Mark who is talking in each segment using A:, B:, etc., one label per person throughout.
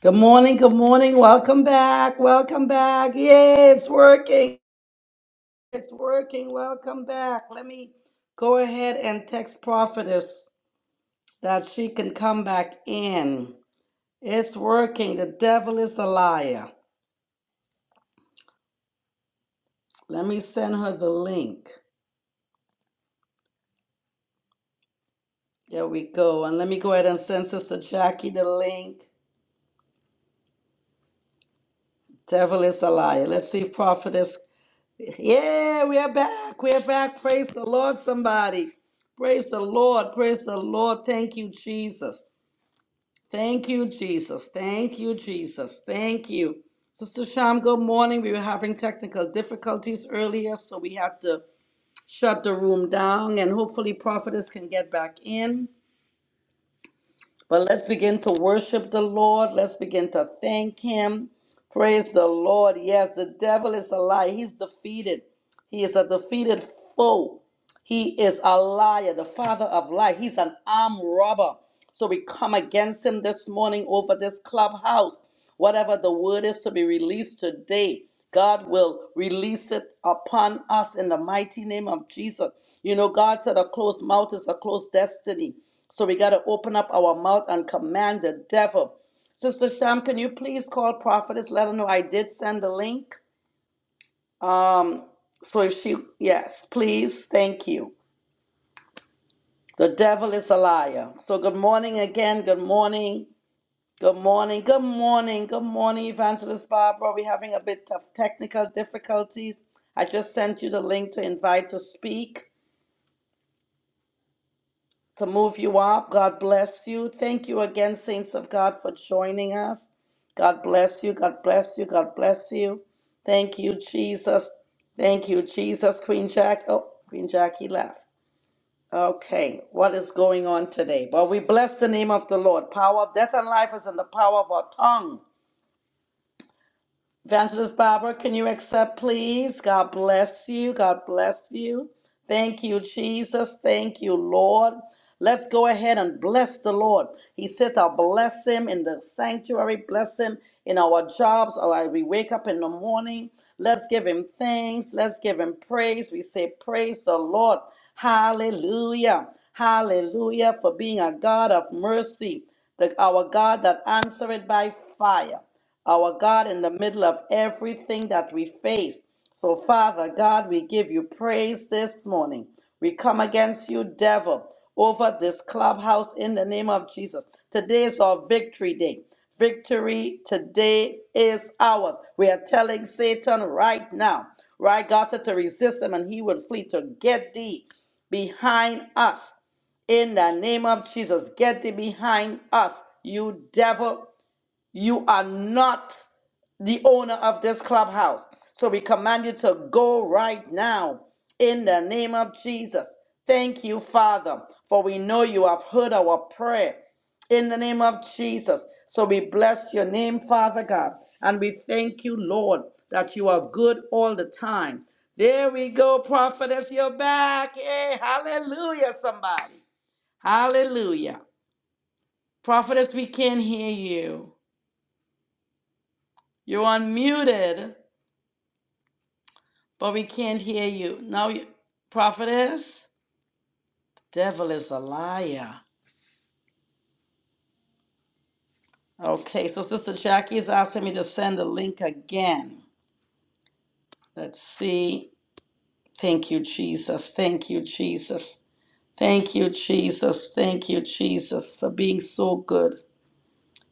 A: Good morning, good morning. Welcome back. Welcome back. Yay, it's working. It's working. Welcome back. Let me go ahead and text Prophetess that she can come back in. It's working. The devil is a liar. Let me send her the link. There we go. And let me go ahead and send Sister Jackie the link. Devil is a liar. Let's see if Prophetess Yeah, we are back. We're back. Praise the Lord, somebody. Praise the Lord. Praise the Lord. Thank you, Jesus. Thank you, Jesus. Thank you, Jesus. Thank you. Sister Sham, good morning. We were having technical difficulties earlier, so we had to shut the room down, and hopefully, prophetess can get back in. But let's begin to worship the Lord. Let's begin to thank Him. Praise the Lord. Yes, the devil is a lie. He's defeated. He is a defeated foe. He is a liar, the father of lies. He's an armed robber. So we come against him this morning over this clubhouse. Whatever the word is to be released today, God will release it upon us in the mighty name of Jesus. You know, God said a closed mouth is a closed destiny. So we got to open up our mouth and command the devil. Sister Sham, can you please call Prophetess? Let her know I did send the link. Um, so if she, yes, please, thank you. The devil is a liar. So good morning again. Good morning. Good morning. Good morning. Good morning, Evangelist Barbara. We're having a bit of technical difficulties. I just sent you the link to invite to speak, to move you up. God bless you. Thank you again, Saints of God, for joining us. God bless you. God bless you. God bless you. Thank you, Jesus. Thank you, Jesus. Queen Jack. Oh, Queen Jackie left. Okay, what is going on today? Well, we bless the name of the Lord. Power of death and life is in the power of our tongue. Evangelist Barbara, can you accept, please? God bless you. God bless you. Thank you, Jesus. Thank you, Lord. Let's go ahead and bless the Lord. He said, I'll bless him in the sanctuary, bless him in our jobs, or I- we wake up in the morning. Let's give him thanks. Let's give him praise. We say, Praise the Lord. Hallelujah. Hallelujah for being a God of mercy, the, our God that answered by fire our God, in the middle of everything that we face. So, Father God, we give you praise this morning. We come against you, devil, over this clubhouse in the name of Jesus. Today is our victory day. Victory today is ours. We are telling Satan right now, right, God said to resist him and he will flee to get thee behind us. In the name of Jesus, get thee behind us, you devil. You are not the owner of this clubhouse. So we command you to go right now in the name of Jesus. Thank you, Father, for we know you have heard our prayer in the name of Jesus. So we bless your name, Father God, and we thank you, Lord, that you are good all the time. There we go, prophetess, you're back. Hey, hallelujah, somebody. Hallelujah. Prophetess, we can't hear you. You're unmuted, but we can't hear you. No, you- prophetess? Devil is a liar. Okay, so Sister Jackie is asking me to send the link again. Let's see. Thank you, Jesus. Thank you, Jesus. Thank you, Jesus. Thank you, Jesus, for being so good.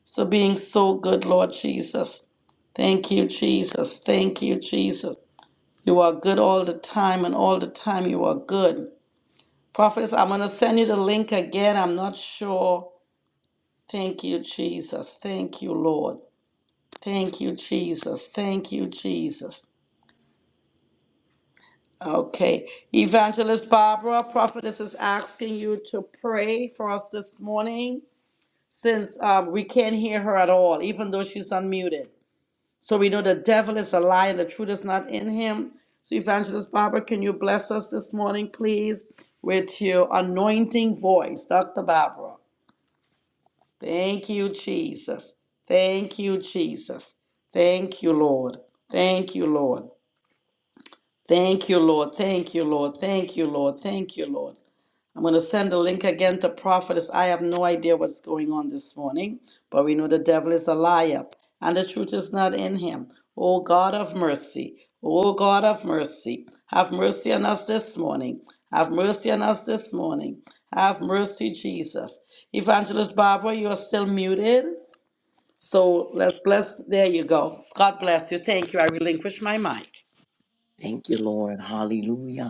A: For being so good, Lord Jesus. Thank you, Jesus. Thank you, Jesus. You are good all the time, and all the time you are good. Prophetess, I'm going to send you the link again. I'm not sure. Thank you, Jesus. Thank you, Lord. Thank you, Jesus. Thank you, Jesus. Okay. Evangelist Barbara, Prophetess is asking you to pray for us this morning since um, we can't hear her at all, even though she's unmuted. So we know the devil is a liar, the truth is not in him. So, Evangelist Barbara, can you bless us this morning, please, with your anointing voice, Dr. Barbara? Thank you, Jesus. Thank you, Jesus. Thank you, Lord. Thank you, Lord. Thank you, Lord. Thank you, Lord. Thank you, Lord. Thank you, Lord. I'm going to send the link again to prophetess. I have no idea what's going on this morning, but we know the devil is a liar and the truth is not in him. O God of mercy, O God of mercy, have mercy on us this morning. Have mercy on us this morning. Have mercy, Jesus. Evangelist Barbara, you are still muted. So let's bless. There you go. God bless you. Thank you. I relinquish my mic.
B: Thank you, Lord. Hallelujah.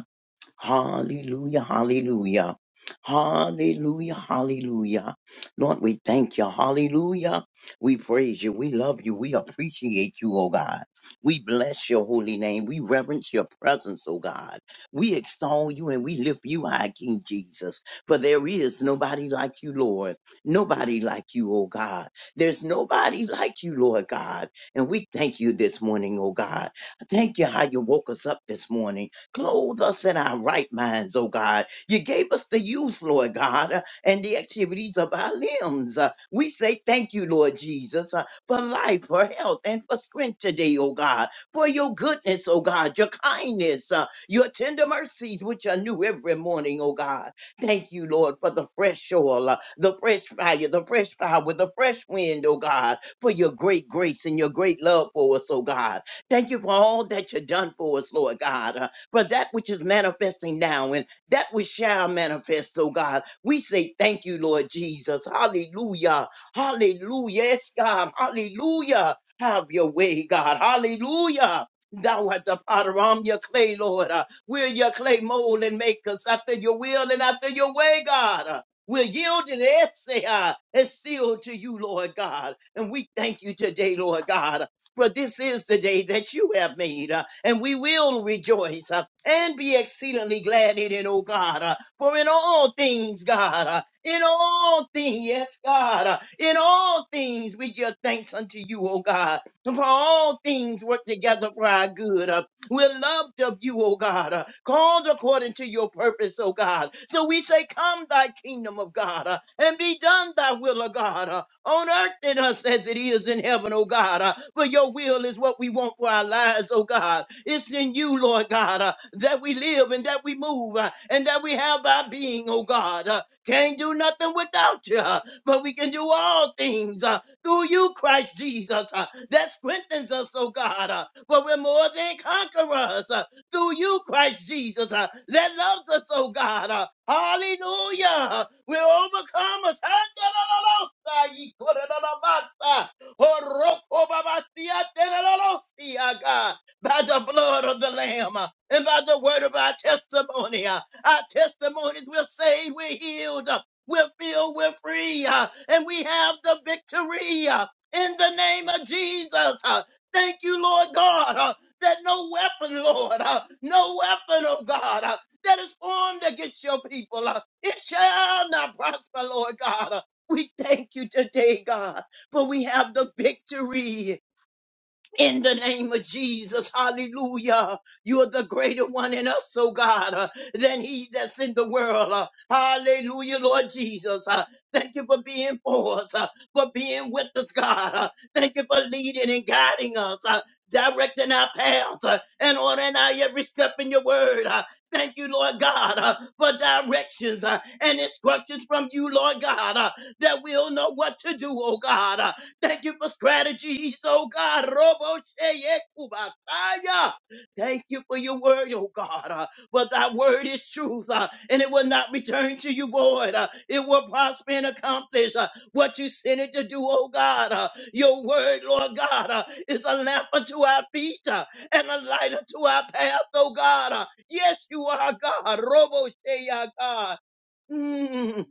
B: Hallelujah, hallelujah. Hallelujah, hallelujah. Lord, we thank you. Hallelujah. We praise you. We love you. We appreciate you, oh God. We bless your holy name. We reverence your presence, oh God. We extol you and we lift you high, King Jesus. For there is nobody like you, Lord. Nobody like you, oh God. There's nobody like you, Lord God. And we thank you this morning, oh God. Thank you how you woke us up this morning. Clothe us in our right minds, oh God. You gave us the use, Lord God, uh, and the activities of our limbs. Uh, we say thank you, Lord Jesus, uh, for life, for health, and for strength today, oh God. For your goodness, oh God, your kindness, uh, your tender mercies, which are new every morning, oh God. Thank you, Lord, for the fresh oil, uh, the fresh fire, the fresh power, the fresh wind, oh God, for your great grace and your great love for us, oh God. Thank you for all that you've done for us, Lord God. uh, but that which is manifesting now and that which shall manifest, oh God, we say thank you, Lord Jesus. Hallelujah. Hallelujah. Yes, God. Hallelujah. Have your way, God. Hallelujah. Thou art the potter, I'm your clay, Lord. Uh, we're your clay mold and make us after your will and after your way, God. Uh, we're yielded, yes, they are, and sealed to you, Lord God. And we thank you today, Lord God. For this is the day that you have made, uh, and we will rejoice uh, and be exceedingly glad in it, oh God. uh, for in all things, God, uh, in all things, yes, God, uh, in all things we give thanks unto you, oh God. For all things work together for our good. uh, we're loved of you, O God, uh, called according to your purpose, O God. So we say, Come, thy kingdom of God, uh, and be done thy will, O God, uh, on earth in us as it is in heaven, O God. uh, For your will is what we want for our lives, O God. It's in you, Lord God, uh, that we live and that we move uh, and that we have our being, O God. uh, Can't do nothing without you, uh, but we can do all things. uh, through you, Christ Jesus, uh, that strengthens us, oh God. uh, For we're more than conquerors uh, through you, Christ Jesus, uh, that loves us, oh God. uh, Hallelujah. We're overcomers. by the blood of the Lamb uh, and by the word of our testimony. uh, Our testimonies will say we're healed. uh, we're filled, we're free, uh, and we have the victory uh, in the name of Jesus. uh. Thank you, Lord God, uh, that no weapon, Lord, uh, no weapon, oh God, uh, that is formed against your people, uh, it shall not prosper, Lord God. uh. We thank you today, God, for we have the victory in the name of Jesus. Hallelujah. You are the greater one in us, oh God, uh, than he that's in the world. uh. hallelujah, Lord Jesus. Uh, thank you for being for us, uh, for being with us, God. Uh, thank you for leading and guiding us, uh, directing our paths, uh, and ordering our every step in your word. Uh, Thank you, Lord God, uh, for directions uh, and instructions from you, Lord God, uh, that we'll know what to do, oh God. uh, Thank you for strategies, oh God. Robo sheye kubakaya. Thank you for your word, oh God. Uh, but thy word is truth, uh, and it will not return to you void. Uh, it will prosper and accomplish uh, what you sent it to do, oh God. Uh, your word, Lord God, uh, is a lamp unto our feet uh, and a light unto our path, oh God. Uh, yes, you are God. Robo sheye, God. Mm.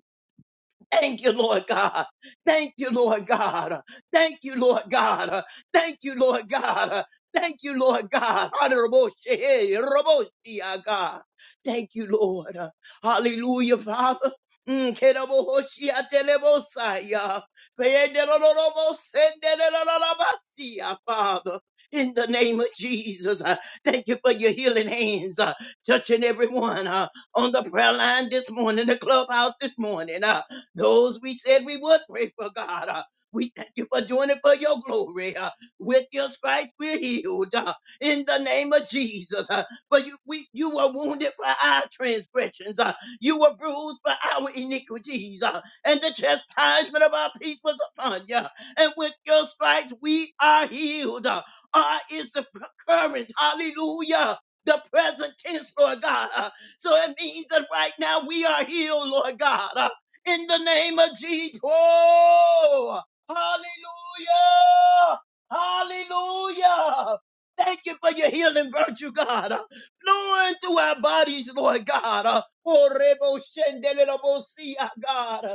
B: Thank you, Lord God. Thank you, Lord God. Thank you, Lord God. Thank you, Lord God. Thank you, Lord God. Honorable Shehe, Roboshi, ah, God. Thank you, Lord. Hallelujah, Father. Mm, Kedabohoshi, Atelebosaya. Peyendelololobosendelelobasia, Father, in the name of Jesus, uh, thank you for your healing hands, uh, touching everyone uh, on the prayer line this morning, the clubhouse this morning. uh, those we said we would pray for, God. Uh, we thank you for doing it for your glory. Uh, with your stripes we're healed. Uh, in the name of Jesus. Uh, for you, we, you were wounded for our transgressions. Uh, you were bruised for our iniquities. Uh, and the chastisement of our peace was upon you. And with your stripes we are healed. Uh, R is the current. Hallelujah. The present tense, Lord God. Uh, so it means that right now we are healed, Lord God. Uh, in the name of Jesus. Oh, hallelujah. Hallelujah. Thank you for your healing virtue, God. Flowing through our bodies, Lord God. Oh, rebo shendelebosia, God.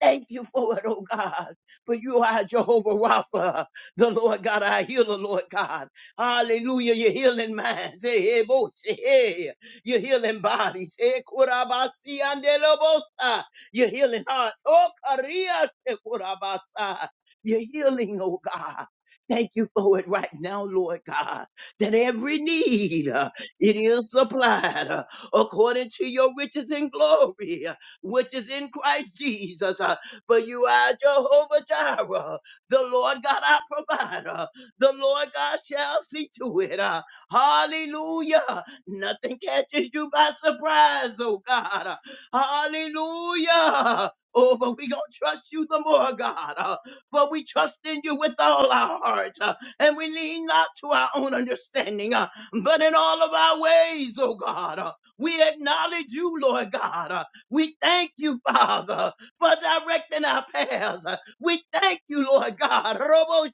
B: Thank you for it, oh God. For you are Jehovah Rapha, the Lord God, our healer, Lord God. Hallelujah. You're healing minds. Hey, hey, bo- hey. You're healing bodies. Hey, kurabasi andelobosa. You're healing hearts. Oh, Korea. te kurabasa. You're healing, oh God. Thank you for it right now, Lord God, that every need uh, it is supplied uh, according to your riches and glory which is in Christ Jesus. Uh, For you are Jehovah Jireh, the Lord God our provider. The Lord God shall see to it. Uh, Hallelujah. Nothing catches you by surprise, oh God. Uh, Hallelujah. Oh, but we gonna trust you the more, God. Uh, but we trust in you with all our heart, uh, and we lean not to our own understanding, uh, but in all of our ways, oh God, uh, we acknowledge you, Lord God. uh, we thank you, Father, for directing our paths. We thank you, Lord God, Robo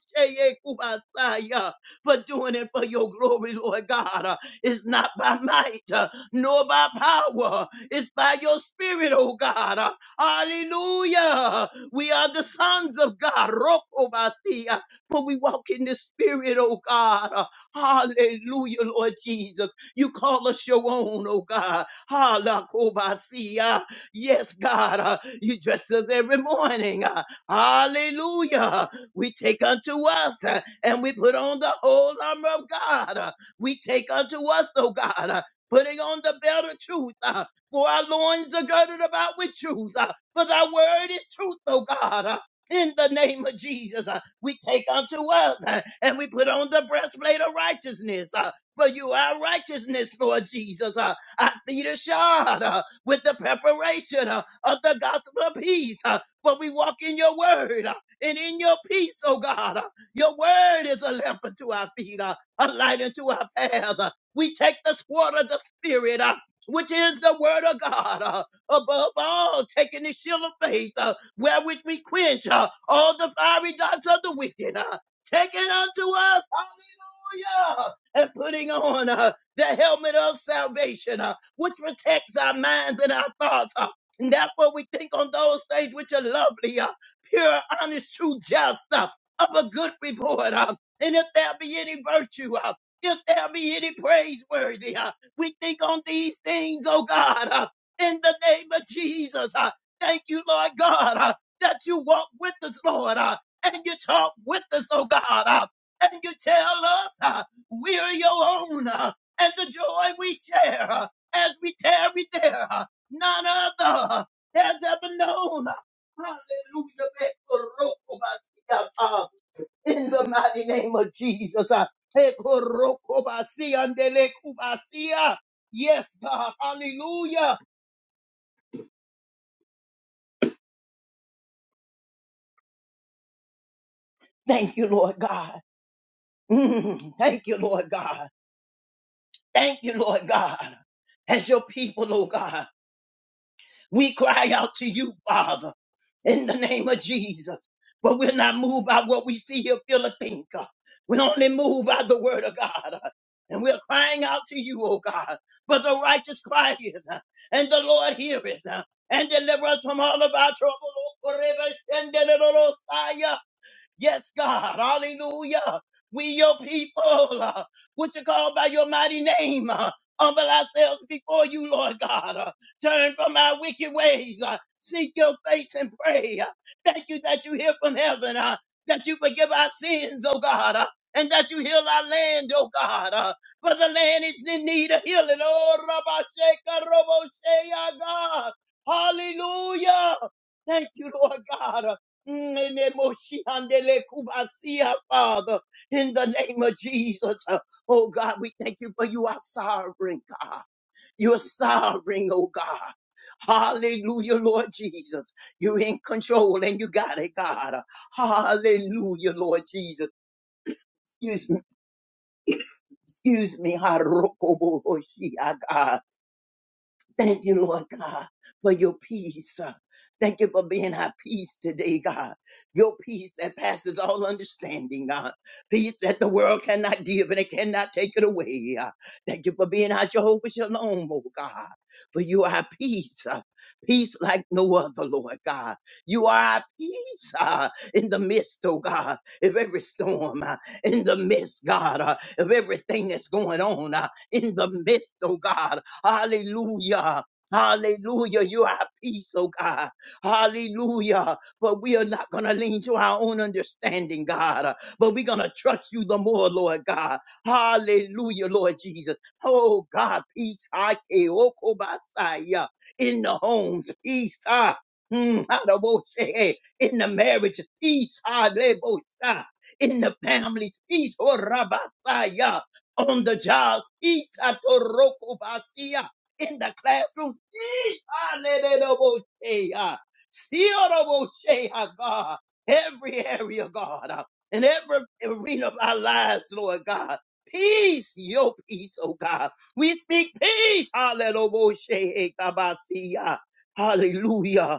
B: Kubasaya, for doing it for your glory, Lord God. It's not by might uh, nor by power, it's by your spirit, oh God. Hallelujah. We are the sons of God, Roko for we walk in the spirit, oh God. Hallelujah, Lord Jesus. You call us your own, oh God. Hallelujah. Yes, God, uh, you dress us every morning. uh, hallelujah. We take unto us uh, and we put on the whole armor of God. uh, we take unto us, oh God, uh, putting on the belt of truth. uh, for our loins are girded about with truth. uh, for thy word is truth, oh God. uh, in the name of Jesus, uh, we take unto us uh, and we put on the breastplate of righteousness. uh, for you are righteousness, Lord Jesus. Uh, our feet are shod. Uh, with the preparation uh, of the gospel of peace. uh, For we walk in your word uh, and in your peace, oh God. uh, Your word is a lamp unto our feet, uh, a light unto our path. uh, We take the sword of the Spirit, uh, which is the word of God, uh, above all, taking the shield of faith, uh, wherewith we quench uh, all the fiery darts of the wicked. Uh, take unto us, hallelujah, and putting on uh, the helmet of salvation. uh, which protects our minds and our thoughts. uh, and therefore, we think on those things which are lovely, uh, pure, honest, true, just, uh, of a good report. uh, and if there be any virtue, uh, if there be any praiseworthy, uh, we think on these things, oh God, uh, in the name of Jesus. uh, thank you, Lord God, uh, that you walk with us, Lord, uh, and you talk with us, oh God, uh, and you tell us uh, we're your own. uh, and the joy we share. huh? as we tarry there. None other has ever known. Hallelujah. In the mighty name of Jesus. Ekorokobasiyandelekubasiya. Yes, God. Hallelujah. Thank you, Lord God. Mm, Thank you, Lord God. Thank you, Lord God. As your people, oh God. We cry out to you, Father, in the name of Jesus. But we're not moved by what we see here, feel, or think. We're only moved by the word of God. And we're crying out to you, O God. For the righteous cry it, and the Lord heareth, and deliver us from all of our trouble. Yes, God. Hallelujah. We your people, uh, which are called by your mighty name. uh, humble ourselves before you, Lord God. uh, turn from our wicked ways. uh, seek your face and pray. uh, thank you that you hear from heaven, uh, that you forgive our sins, oh God, uh, and that you heal our land, oh God. uh, for the land is in need of healing. Oh, Rabba Sheka, Robo Shea, God. Hallelujah. Thank you, Lord God. uh, Nenemoshiandele kubasia, Father, in the name of Jesus. Uh, Oh God, we thank you for you are sovereign, God. You're sovereign, oh God. Hallelujah, Lord Jesus. You're in control and you got it, God. Uh, Hallelujah, Lord Jesus. Excuse me, excuse me. Harokobohoshia, God. Thank you, Lord God, for your peace. uh. Thank you for being our peace today, God. Your peace that passes all understanding, God. Peace that the world cannot give and it cannot take it away. uh. Thank you for being our Jehovah Shalom, oh God. For you are our peace. uh, Peace like no other, Lord God. You are our peace uh, in the midst, oh God, of every storm, uh, in the midst, God, uh, of everything that's going on, uh, in the midst, oh God, Hallelujah. Hallelujah. You are at peace, oh God. Hallelujah. But we are not going to lean to our own understanding, God. But we're going to trust you the more, Lord God. Hallelujah, Lord Jesus. Oh God, peace. I Okobasaya. In the homes, peace. ah, mm, Adabose. In the marriage, peace. ah, Lebosa. In the families, peace. oh, Rabasaya on the jobs, Ishatorokobasia, in the classrooms. Ishanenedoboshea, Siodoboshea, God, every area, God, uh, in every arena of our lives, Lord God. Peace, your peace, oh God. We speak peace. Hallelujah. Hallelujah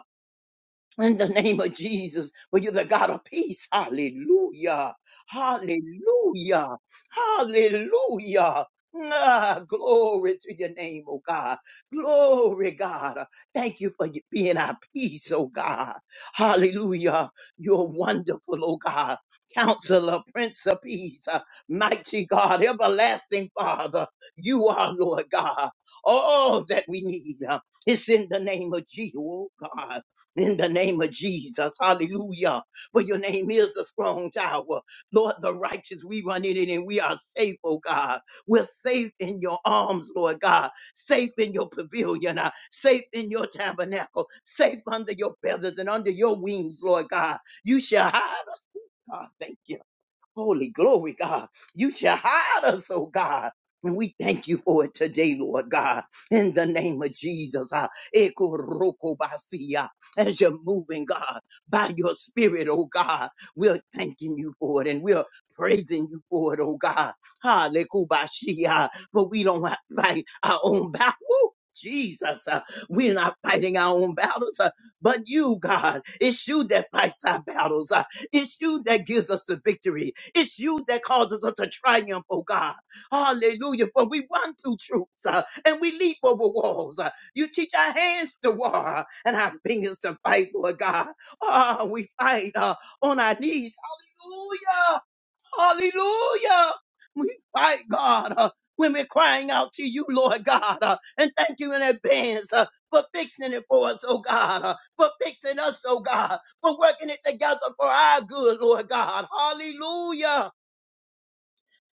B: in the name of Jesus, for you're the God of peace. Hallelujah. Hallelujah. Hallelujah. Ah, glory to your name, oh God. Glory, God. Thank you for being our peace, oh God. Hallelujah. You're wonderful, oh God. Counselor, Prince of Peace, uh, mighty God, everlasting Father. You are, Lord God, all that we need. uh, It's in the name of Jesus, oh God in the name of Jesus. Hallelujah. For your name is a strong tower. Lord, the righteous, we run in it and we are safe, oh God. We're safe in your arms, Lord God. Safe in your pavilion, uh, safe in your tabernacle, safe under your feathers and under your wings, Lord God. You shall hide us. God, thank you. Holy glory, God. You shall hide us, oh God. And we thank you for it today, Lord God, in the name of Jesus. ah, Ekorokobasiya. As you're moving, God, by your spirit, oh God, we're thanking you for it and we're praising you for it, oh God. Halekubashiya. But we don't have to fight our own battle. Woo, Jesus, ah, we're not fighting our own battles, ah, but you, God. It's you that fights our battles. It's you that gives us the victory. It's you that causes us to triumph, oh God. Hallelujah. For we run through troops uh, and we leap over walls. Uh, you teach our hands to war and our fingers to fight, Lord God. Oh, we fight uh, on our knees. Hallelujah. Hallelujah. We fight, God, uh, when we're crying out to you, Lord God. uh, and thank you in advance uh, for fixing it for us, oh God. uh, for fixing us, oh God. For working it together for our good, Lord God. Hallelujah.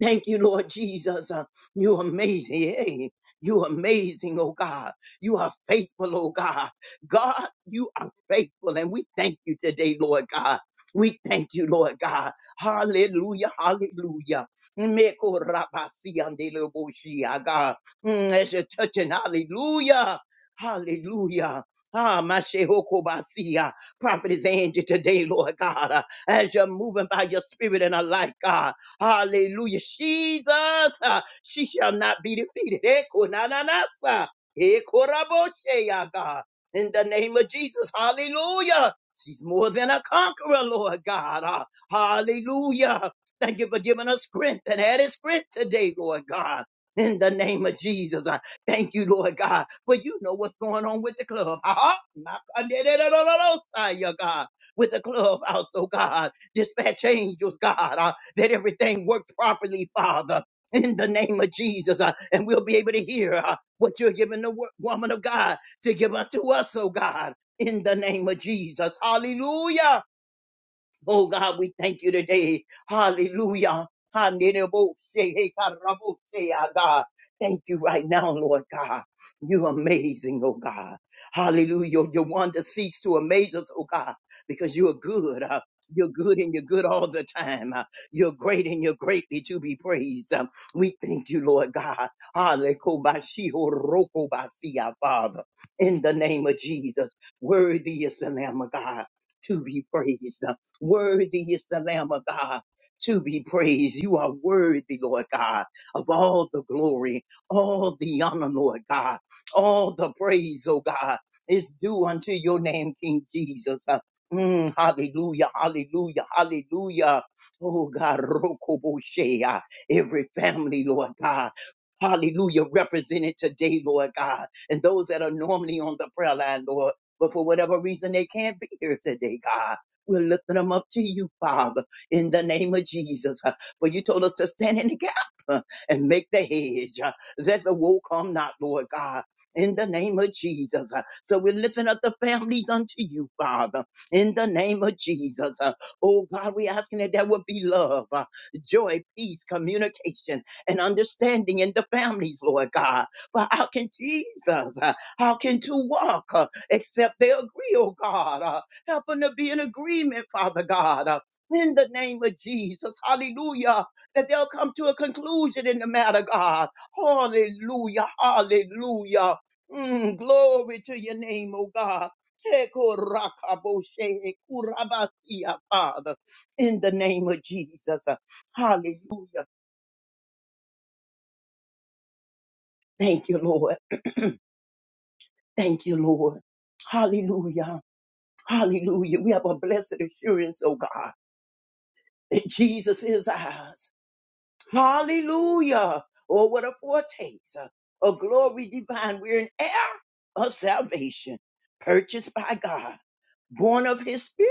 B: Thank you, Lord Jesus. Uh, You amazing. Hey, you amazing, oh God. You are faithful, oh God. God, you are faithful. And we thank you today, Lord God. We thank you, Lord God. Hallelujah. Hallelujah. Meko rabasi ande leboshi, ah, God. Mm, As you're touching, hallelujah. Hallelujah. Ah, Mashehokobasia. Prophet is Angie today, Lord God. Uh, As you're moving by your spirit in our life, God. Hallelujah. Jesus, uh, she shall not be defeated. Eko na na na sa. Eko raboshe, ya God. In the name of Jesus. Hallelujah. She's more than a conqueror, Lord God. Uh, Hallelujah. Thank you for giving us strength and added strength today, Lord God. In the name of Jesus. I thank you, Lord God. For you know what's going on with the club. Ah, ah, ah, da, da, da, da, da, da, sigh, yeah, God. With the clubhouse, oh God. Dispatch angels, God that everything works properly, Father, in the name of Jesus. uh, and we'll be able to hear uh, what you're giving the wo- woman of God to give unto us, oh God, in the name of Jesus. Hallelujah. Oh God, we thank you today. Hallelujah. Hanenebose, hekarabose, ah, God. Thank you right now, Lord God. You're amazing, oh God. Hallelujah. Your your wonder cease to amaze us, oh God, because you are good. uh, You're good and you're good all the time. uh, You're great and you're greatly to be praised. Um, We thank you, Lord God. Hallelujah, Father. In the name of Jesus, worthy is the Lamb of God to be praised. Worthy is the Lamb of God to be praised. You are worthy, Lord God, of all the glory, all the honor, Lord God, all the praise, oh God, is due unto your name, King Jesus. Uh, mm, hallelujah, hallelujah, hallelujah. Oh God, Rokoboshea, every family, Lord God. Hallelujah, represented today, Lord God, and those that are normally on the prayer line, Lord, but for whatever reason they can't be here today, God. We're lifting them up to you, Father, in the name of Jesus. Uh, For you told us to stand in the gap uh, and make the hedge uh, that the woe come not, Lord God. In the name of Jesus. Uh, So we're lifting up the families unto you, Father. In the name of Jesus. Uh, Oh God, we're asking that there would be love, uh, joy, peace, communication, and understanding in the families, Lord God. But how can Jesus, uh, how can two walk uh, except they agree, oh God? Uh, Help them to be in agreement, Father God, uh, in the name of Jesus. Hallelujah. That they'll come to a conclusion in the matter, God. Hallelujah. Hallelujah. Mm, glory to your name, oh God. Hekorakaboshe, kurabasia, Father, in the name of Jesus. Uh, Hallelujah. Thank you, Lord. Thank you, Lord. Hallelujah. Hallelujah. We have a blessed assurance, oh God, that Jesus is ours. Hallelujah. Oh, what a foretaste uh, of glory divine. We're an heir of salvation purchased by God born of his spirit.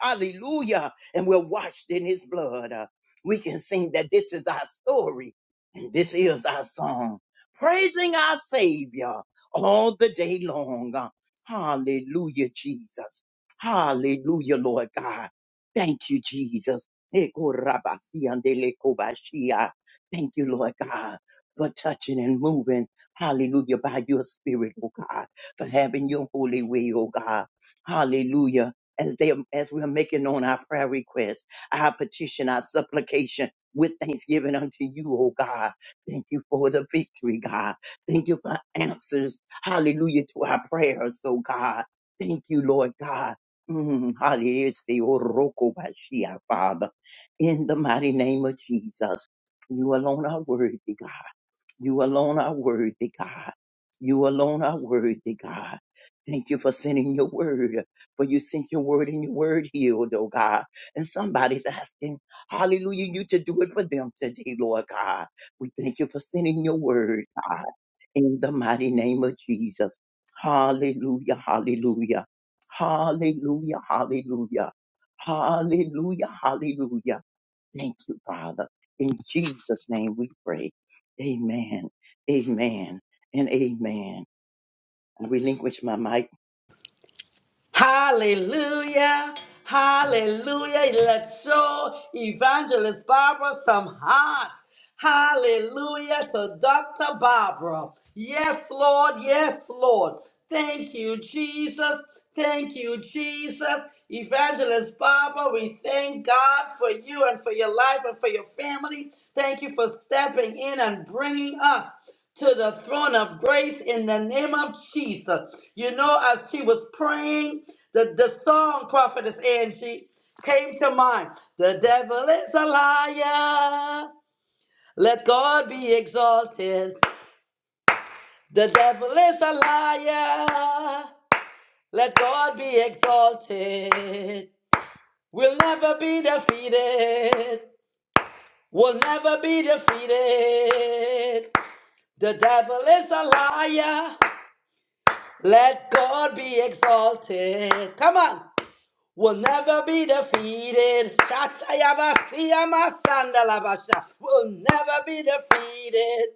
B: Hallelujah. And we're washed in his blood. Uh, we can sing that this is our story and this is our song, praising our Savior all the day long. Uh, hallelujah, Jesus. Hallelujah, Lord God. Thank you, Jesus. Ekorabasiandelekobashia. Thank you, Lord God, for touching and moving. Hallelujah, by your spirit, oh God, for having your holy way, oh God. Hallelujah. As they as we are making on our prayer requests, our petition, our supplication with thanksgiving unto you, oh God. Thank you for the victory, God. Thank you for answers. Hallelujah to our prayers, oh God. Thank you, Lord God. Mm, hallelujah, oh Roko Bashia, Father. In the mighty name of Jesus. You alone are worthy, God. You alone are worthy, God. You alone are worthy, God. Thank you for sending your word. For you sent your word and your word healed, oh God. And somebody's asking, hallelujah, you to do it for them today, Lord God. We thank you for sending your word, God, in the mighty name of Jesus. Hallelujah, hallelujah. Hallelujah, hallelujah. Hallelujah, hallelujah. Thank you, Father. In Jesus' name we pray. Amen. Amen. And amen. I relinquish my mic.
A: Hallelujah. Hallelujah. Let's show Evangelist Barbara some hearts. Hallelujah to Dr. Barbara. Yes, Lord. Yes, Lord. Thank you, Jesus. Thank you, Jesus. Evangelist Barbara, we thank God for you and for your life and for your family. Thank you for stepping in and bringing us. to the throne of grace in the name of Jesus. You know, as she was praying, the, the song prophetess Angie came to mind. The devil is a liar. Let God be exalted. The devil is a liar. Let God be exalted. We'll never be defeated. We'll never be defeated. The devil is a liar. Let God be exalted. Come on. we Will never be defeated. Shatayabasiyamasandalavasha. Will never be defeated.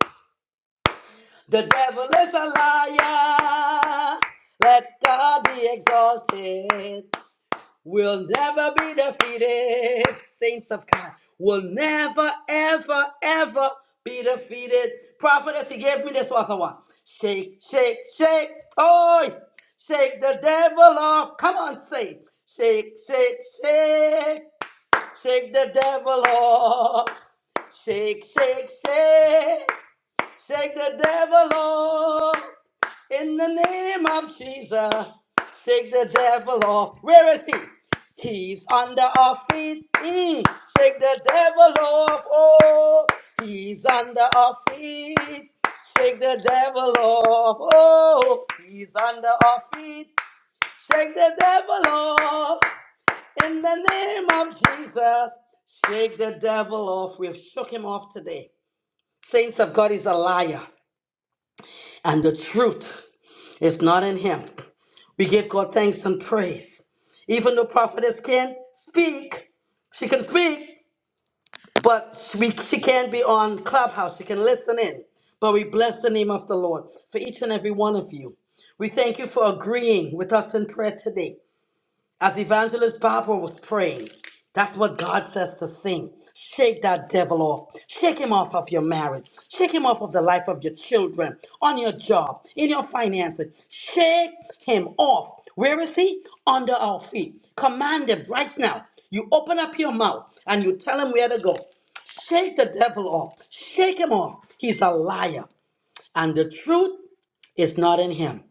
A: The devil is a liar. Let God be exalted will never be defeated. Saints of God will never, ever, ever be defeated. Prophetess, he gave me this other one. Shake, shake, shake. Oi! Shake the devil off. Come on, say. Shake, shake, shake. Shake the devil off. Shake, shake, shake. Shake the devil off in the name of Jesus. Shake the devil off. Where is he? He's under our feet. Mm. Shake the devil off. Oh, he's under our feet. Shake the devil off. Oh, he's under our feet. Shake the devil off in the name of Jesus. Shake the devil off. We've shook him off today. Saints of God is a liar and the truth is not in him. We give God thanks and praise. Even though prophetess can't speak, she can speak, but we, she can't be on Clubhouse. She can listen in. But we bless the name of the Lord for each and every one of you. We thank you for agreeing with us in prayer today. As Evangelist Barbara was praying, that's what God says to sing. Shake that devil off. Shake him off of your marriage. Shake him off of the life of your children, on your job, in your finances. Shake him off. Where is he? Under our feet. Command him right now. You open up your mouth and you tell him where to go. Shake the devil off. Shake him off. He's a liar. And the truth is not in him.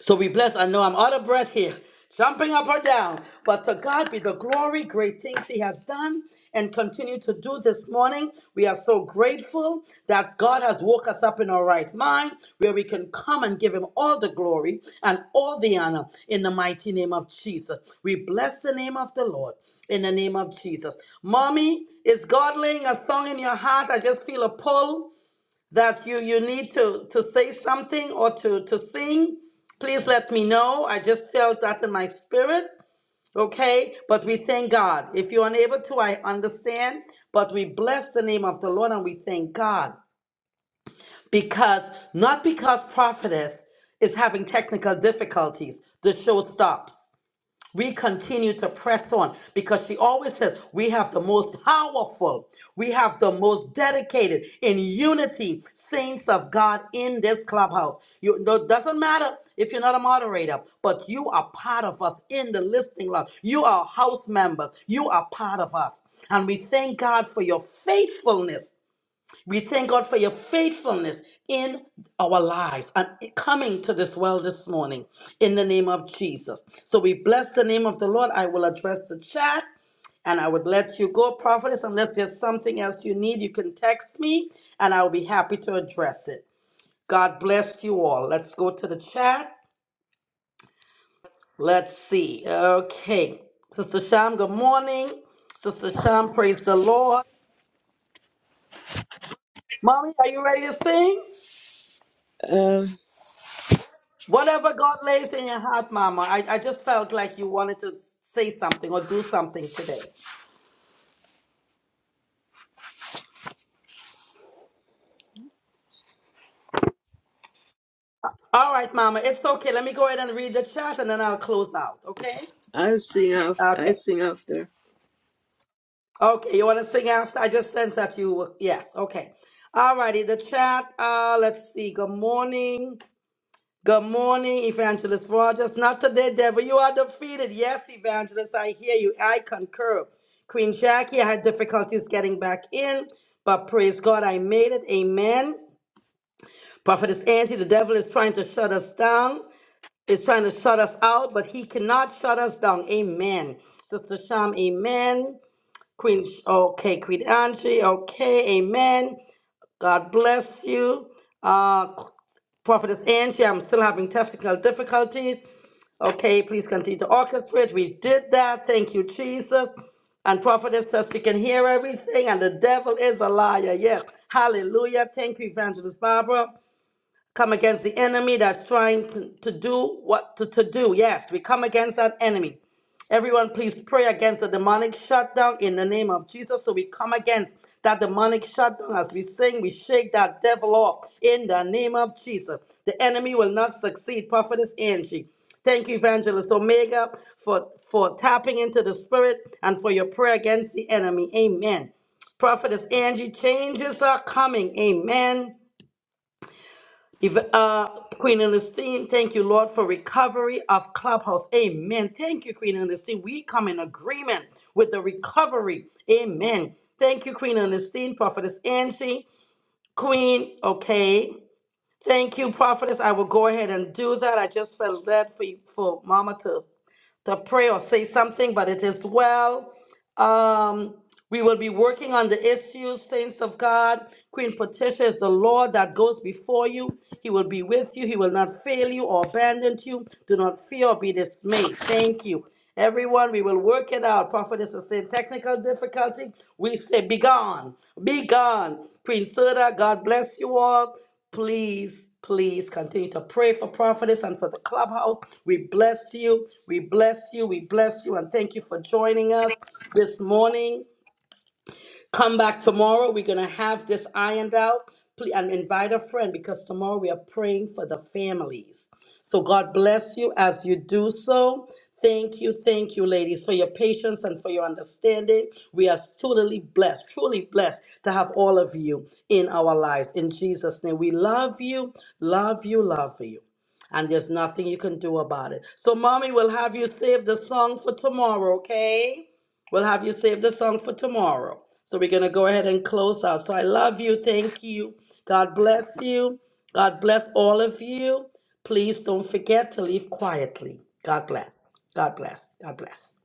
A: So we bless. I know I'm out of breath here, jumping up or down. But to God be the glory, great things He has done and continue to do this morning. We are so grateful that God has woke us up in our right mind where we can come and give Him all the glory and all the honor in the mighty name of Jesus. We bless the name of the Lord in the name of Jesus. Mommy, is God laying a song in your heart? I just feel a pull that you you need to to say something or to to sing please let me know i just felt that in my spirit okay but we thank god if you're unable to i understand but we bless the name of the lord and we thank god because not because prophetess is having technical difficulties the show stops we continue to press on because she always says we have the most powerful, we have the most dedicated in unity saints of God in this clubhouse. You no, doesn't matter if you're not a moderator, but you are part of us in the listening lounge. You are house members. You are part of us, and we thank God for your faithfulness we thank God for your faithfulness in our lives and coming to this well this morning in the name of Jesus. So we bless the name of the Lord. I will address the chat and I would let you go, prophetess. Unless there's something else you need, you can text me and I'll be happy to address it. God bless you all. Let's go to the chat. Let's see. Okay. Sister Sham, good morning. Sister Sham, praise the Lord. Mommy, are you ready to sing?
C: Um,
A: Whatever God lays in your heart, Mama. I, I just felt like you wanted to say something or do something today. All right, Mama. It's okay. Let me go ahead and read the chat and then I'll close out. Okay?
C: i sing af- I
A: Okay.
C: sing after.
A: Okay. You want to sing after? I just sense that you were. Yes. Okay. All righty. The chat. Uh, let's see. Good morning. Good morning, Evangelist Rogers. Not today, devil. You are defeated. Yes, Evangelist, I hear you. I concur. Queen Jackie, I had difficulties getting back in, but praise God, I made it. Amen. Prophetess Angie, the devil is trying to shut us down, is trying to shut us out, but he cannot shut us down. Amen. Sister Sham, amen. Queen, okay, Queen Angie, okay, amen. God bless you. Uh. Prophetess Angie, I'm still having technical difficulties. Okay, please continue to orchestrate. We did that. Thank you, Jesus. And prophetess says we can hear everything, and the devil is a liar. Yes. Hallelujah. Thank you, Evangelist Barbara come against the enemy that's trying to, to do what to, to do. Yes, we come against that enemy. Everyone, please pray against the demonic shutdown in the name of Jesus. So we come against that demonic shutdown as we sing, we shake that devil off in the name of Jesus. The enemy will not succeed. Prophetess Angie. Thank you, Evangelist Omega, for, for tapping into the spirit and for your prayer against the enemy. Amen. Prophetess Angie, changes are coming. Amen. If Uh, Queen Ernestine, thank you, Lord, for recovery of Clubhouse. Amen. Thank you, Queen Ernestine. We come in agreement with the recovery. Amen. Thank you, Queen Ernestine, Prophetess Angie, Queen. Okay. Thank you, Prophetess. I will go ahead and do that. I just felt led for, for Mama to to pray or say something, but it is well. Um, we will be working on the issues, saints of God. Queen Patricia is the Lord that goes before you. He will be with you. He will not fail you or abandon you. Do not fear or be dismayed. Thank you. Everyone, we will work it out. Prophetess is saying technical difficulty. We say, Be gone. Be gone. Queen Soda, God bless you all please, please continue to pray for prophetess and for the clubhouse. We bless you. We bless you. We bless you. And thank you for joining us this morning. Come back tomorrow. We're going to have this ironed out. Please, and invite a friend because tomorrow we are praying for the families. So God bless you as you do so. Thank you, thank you, ladies, for your patience and for your understanding. We are truly blessed, truly blessed to have all of you in our lives. In Jesus' name, we love you, love you, love you. And there's nothing you can do about it. So, mommy will have you save the song for tomorrow, okay? We'll have you save the song for tomorrow. So we're going to go ahead and close out. So I love you. Thank you. God bless you. God bless all of you. Please don't forget to leave quietly. God bless. God bless. God bless.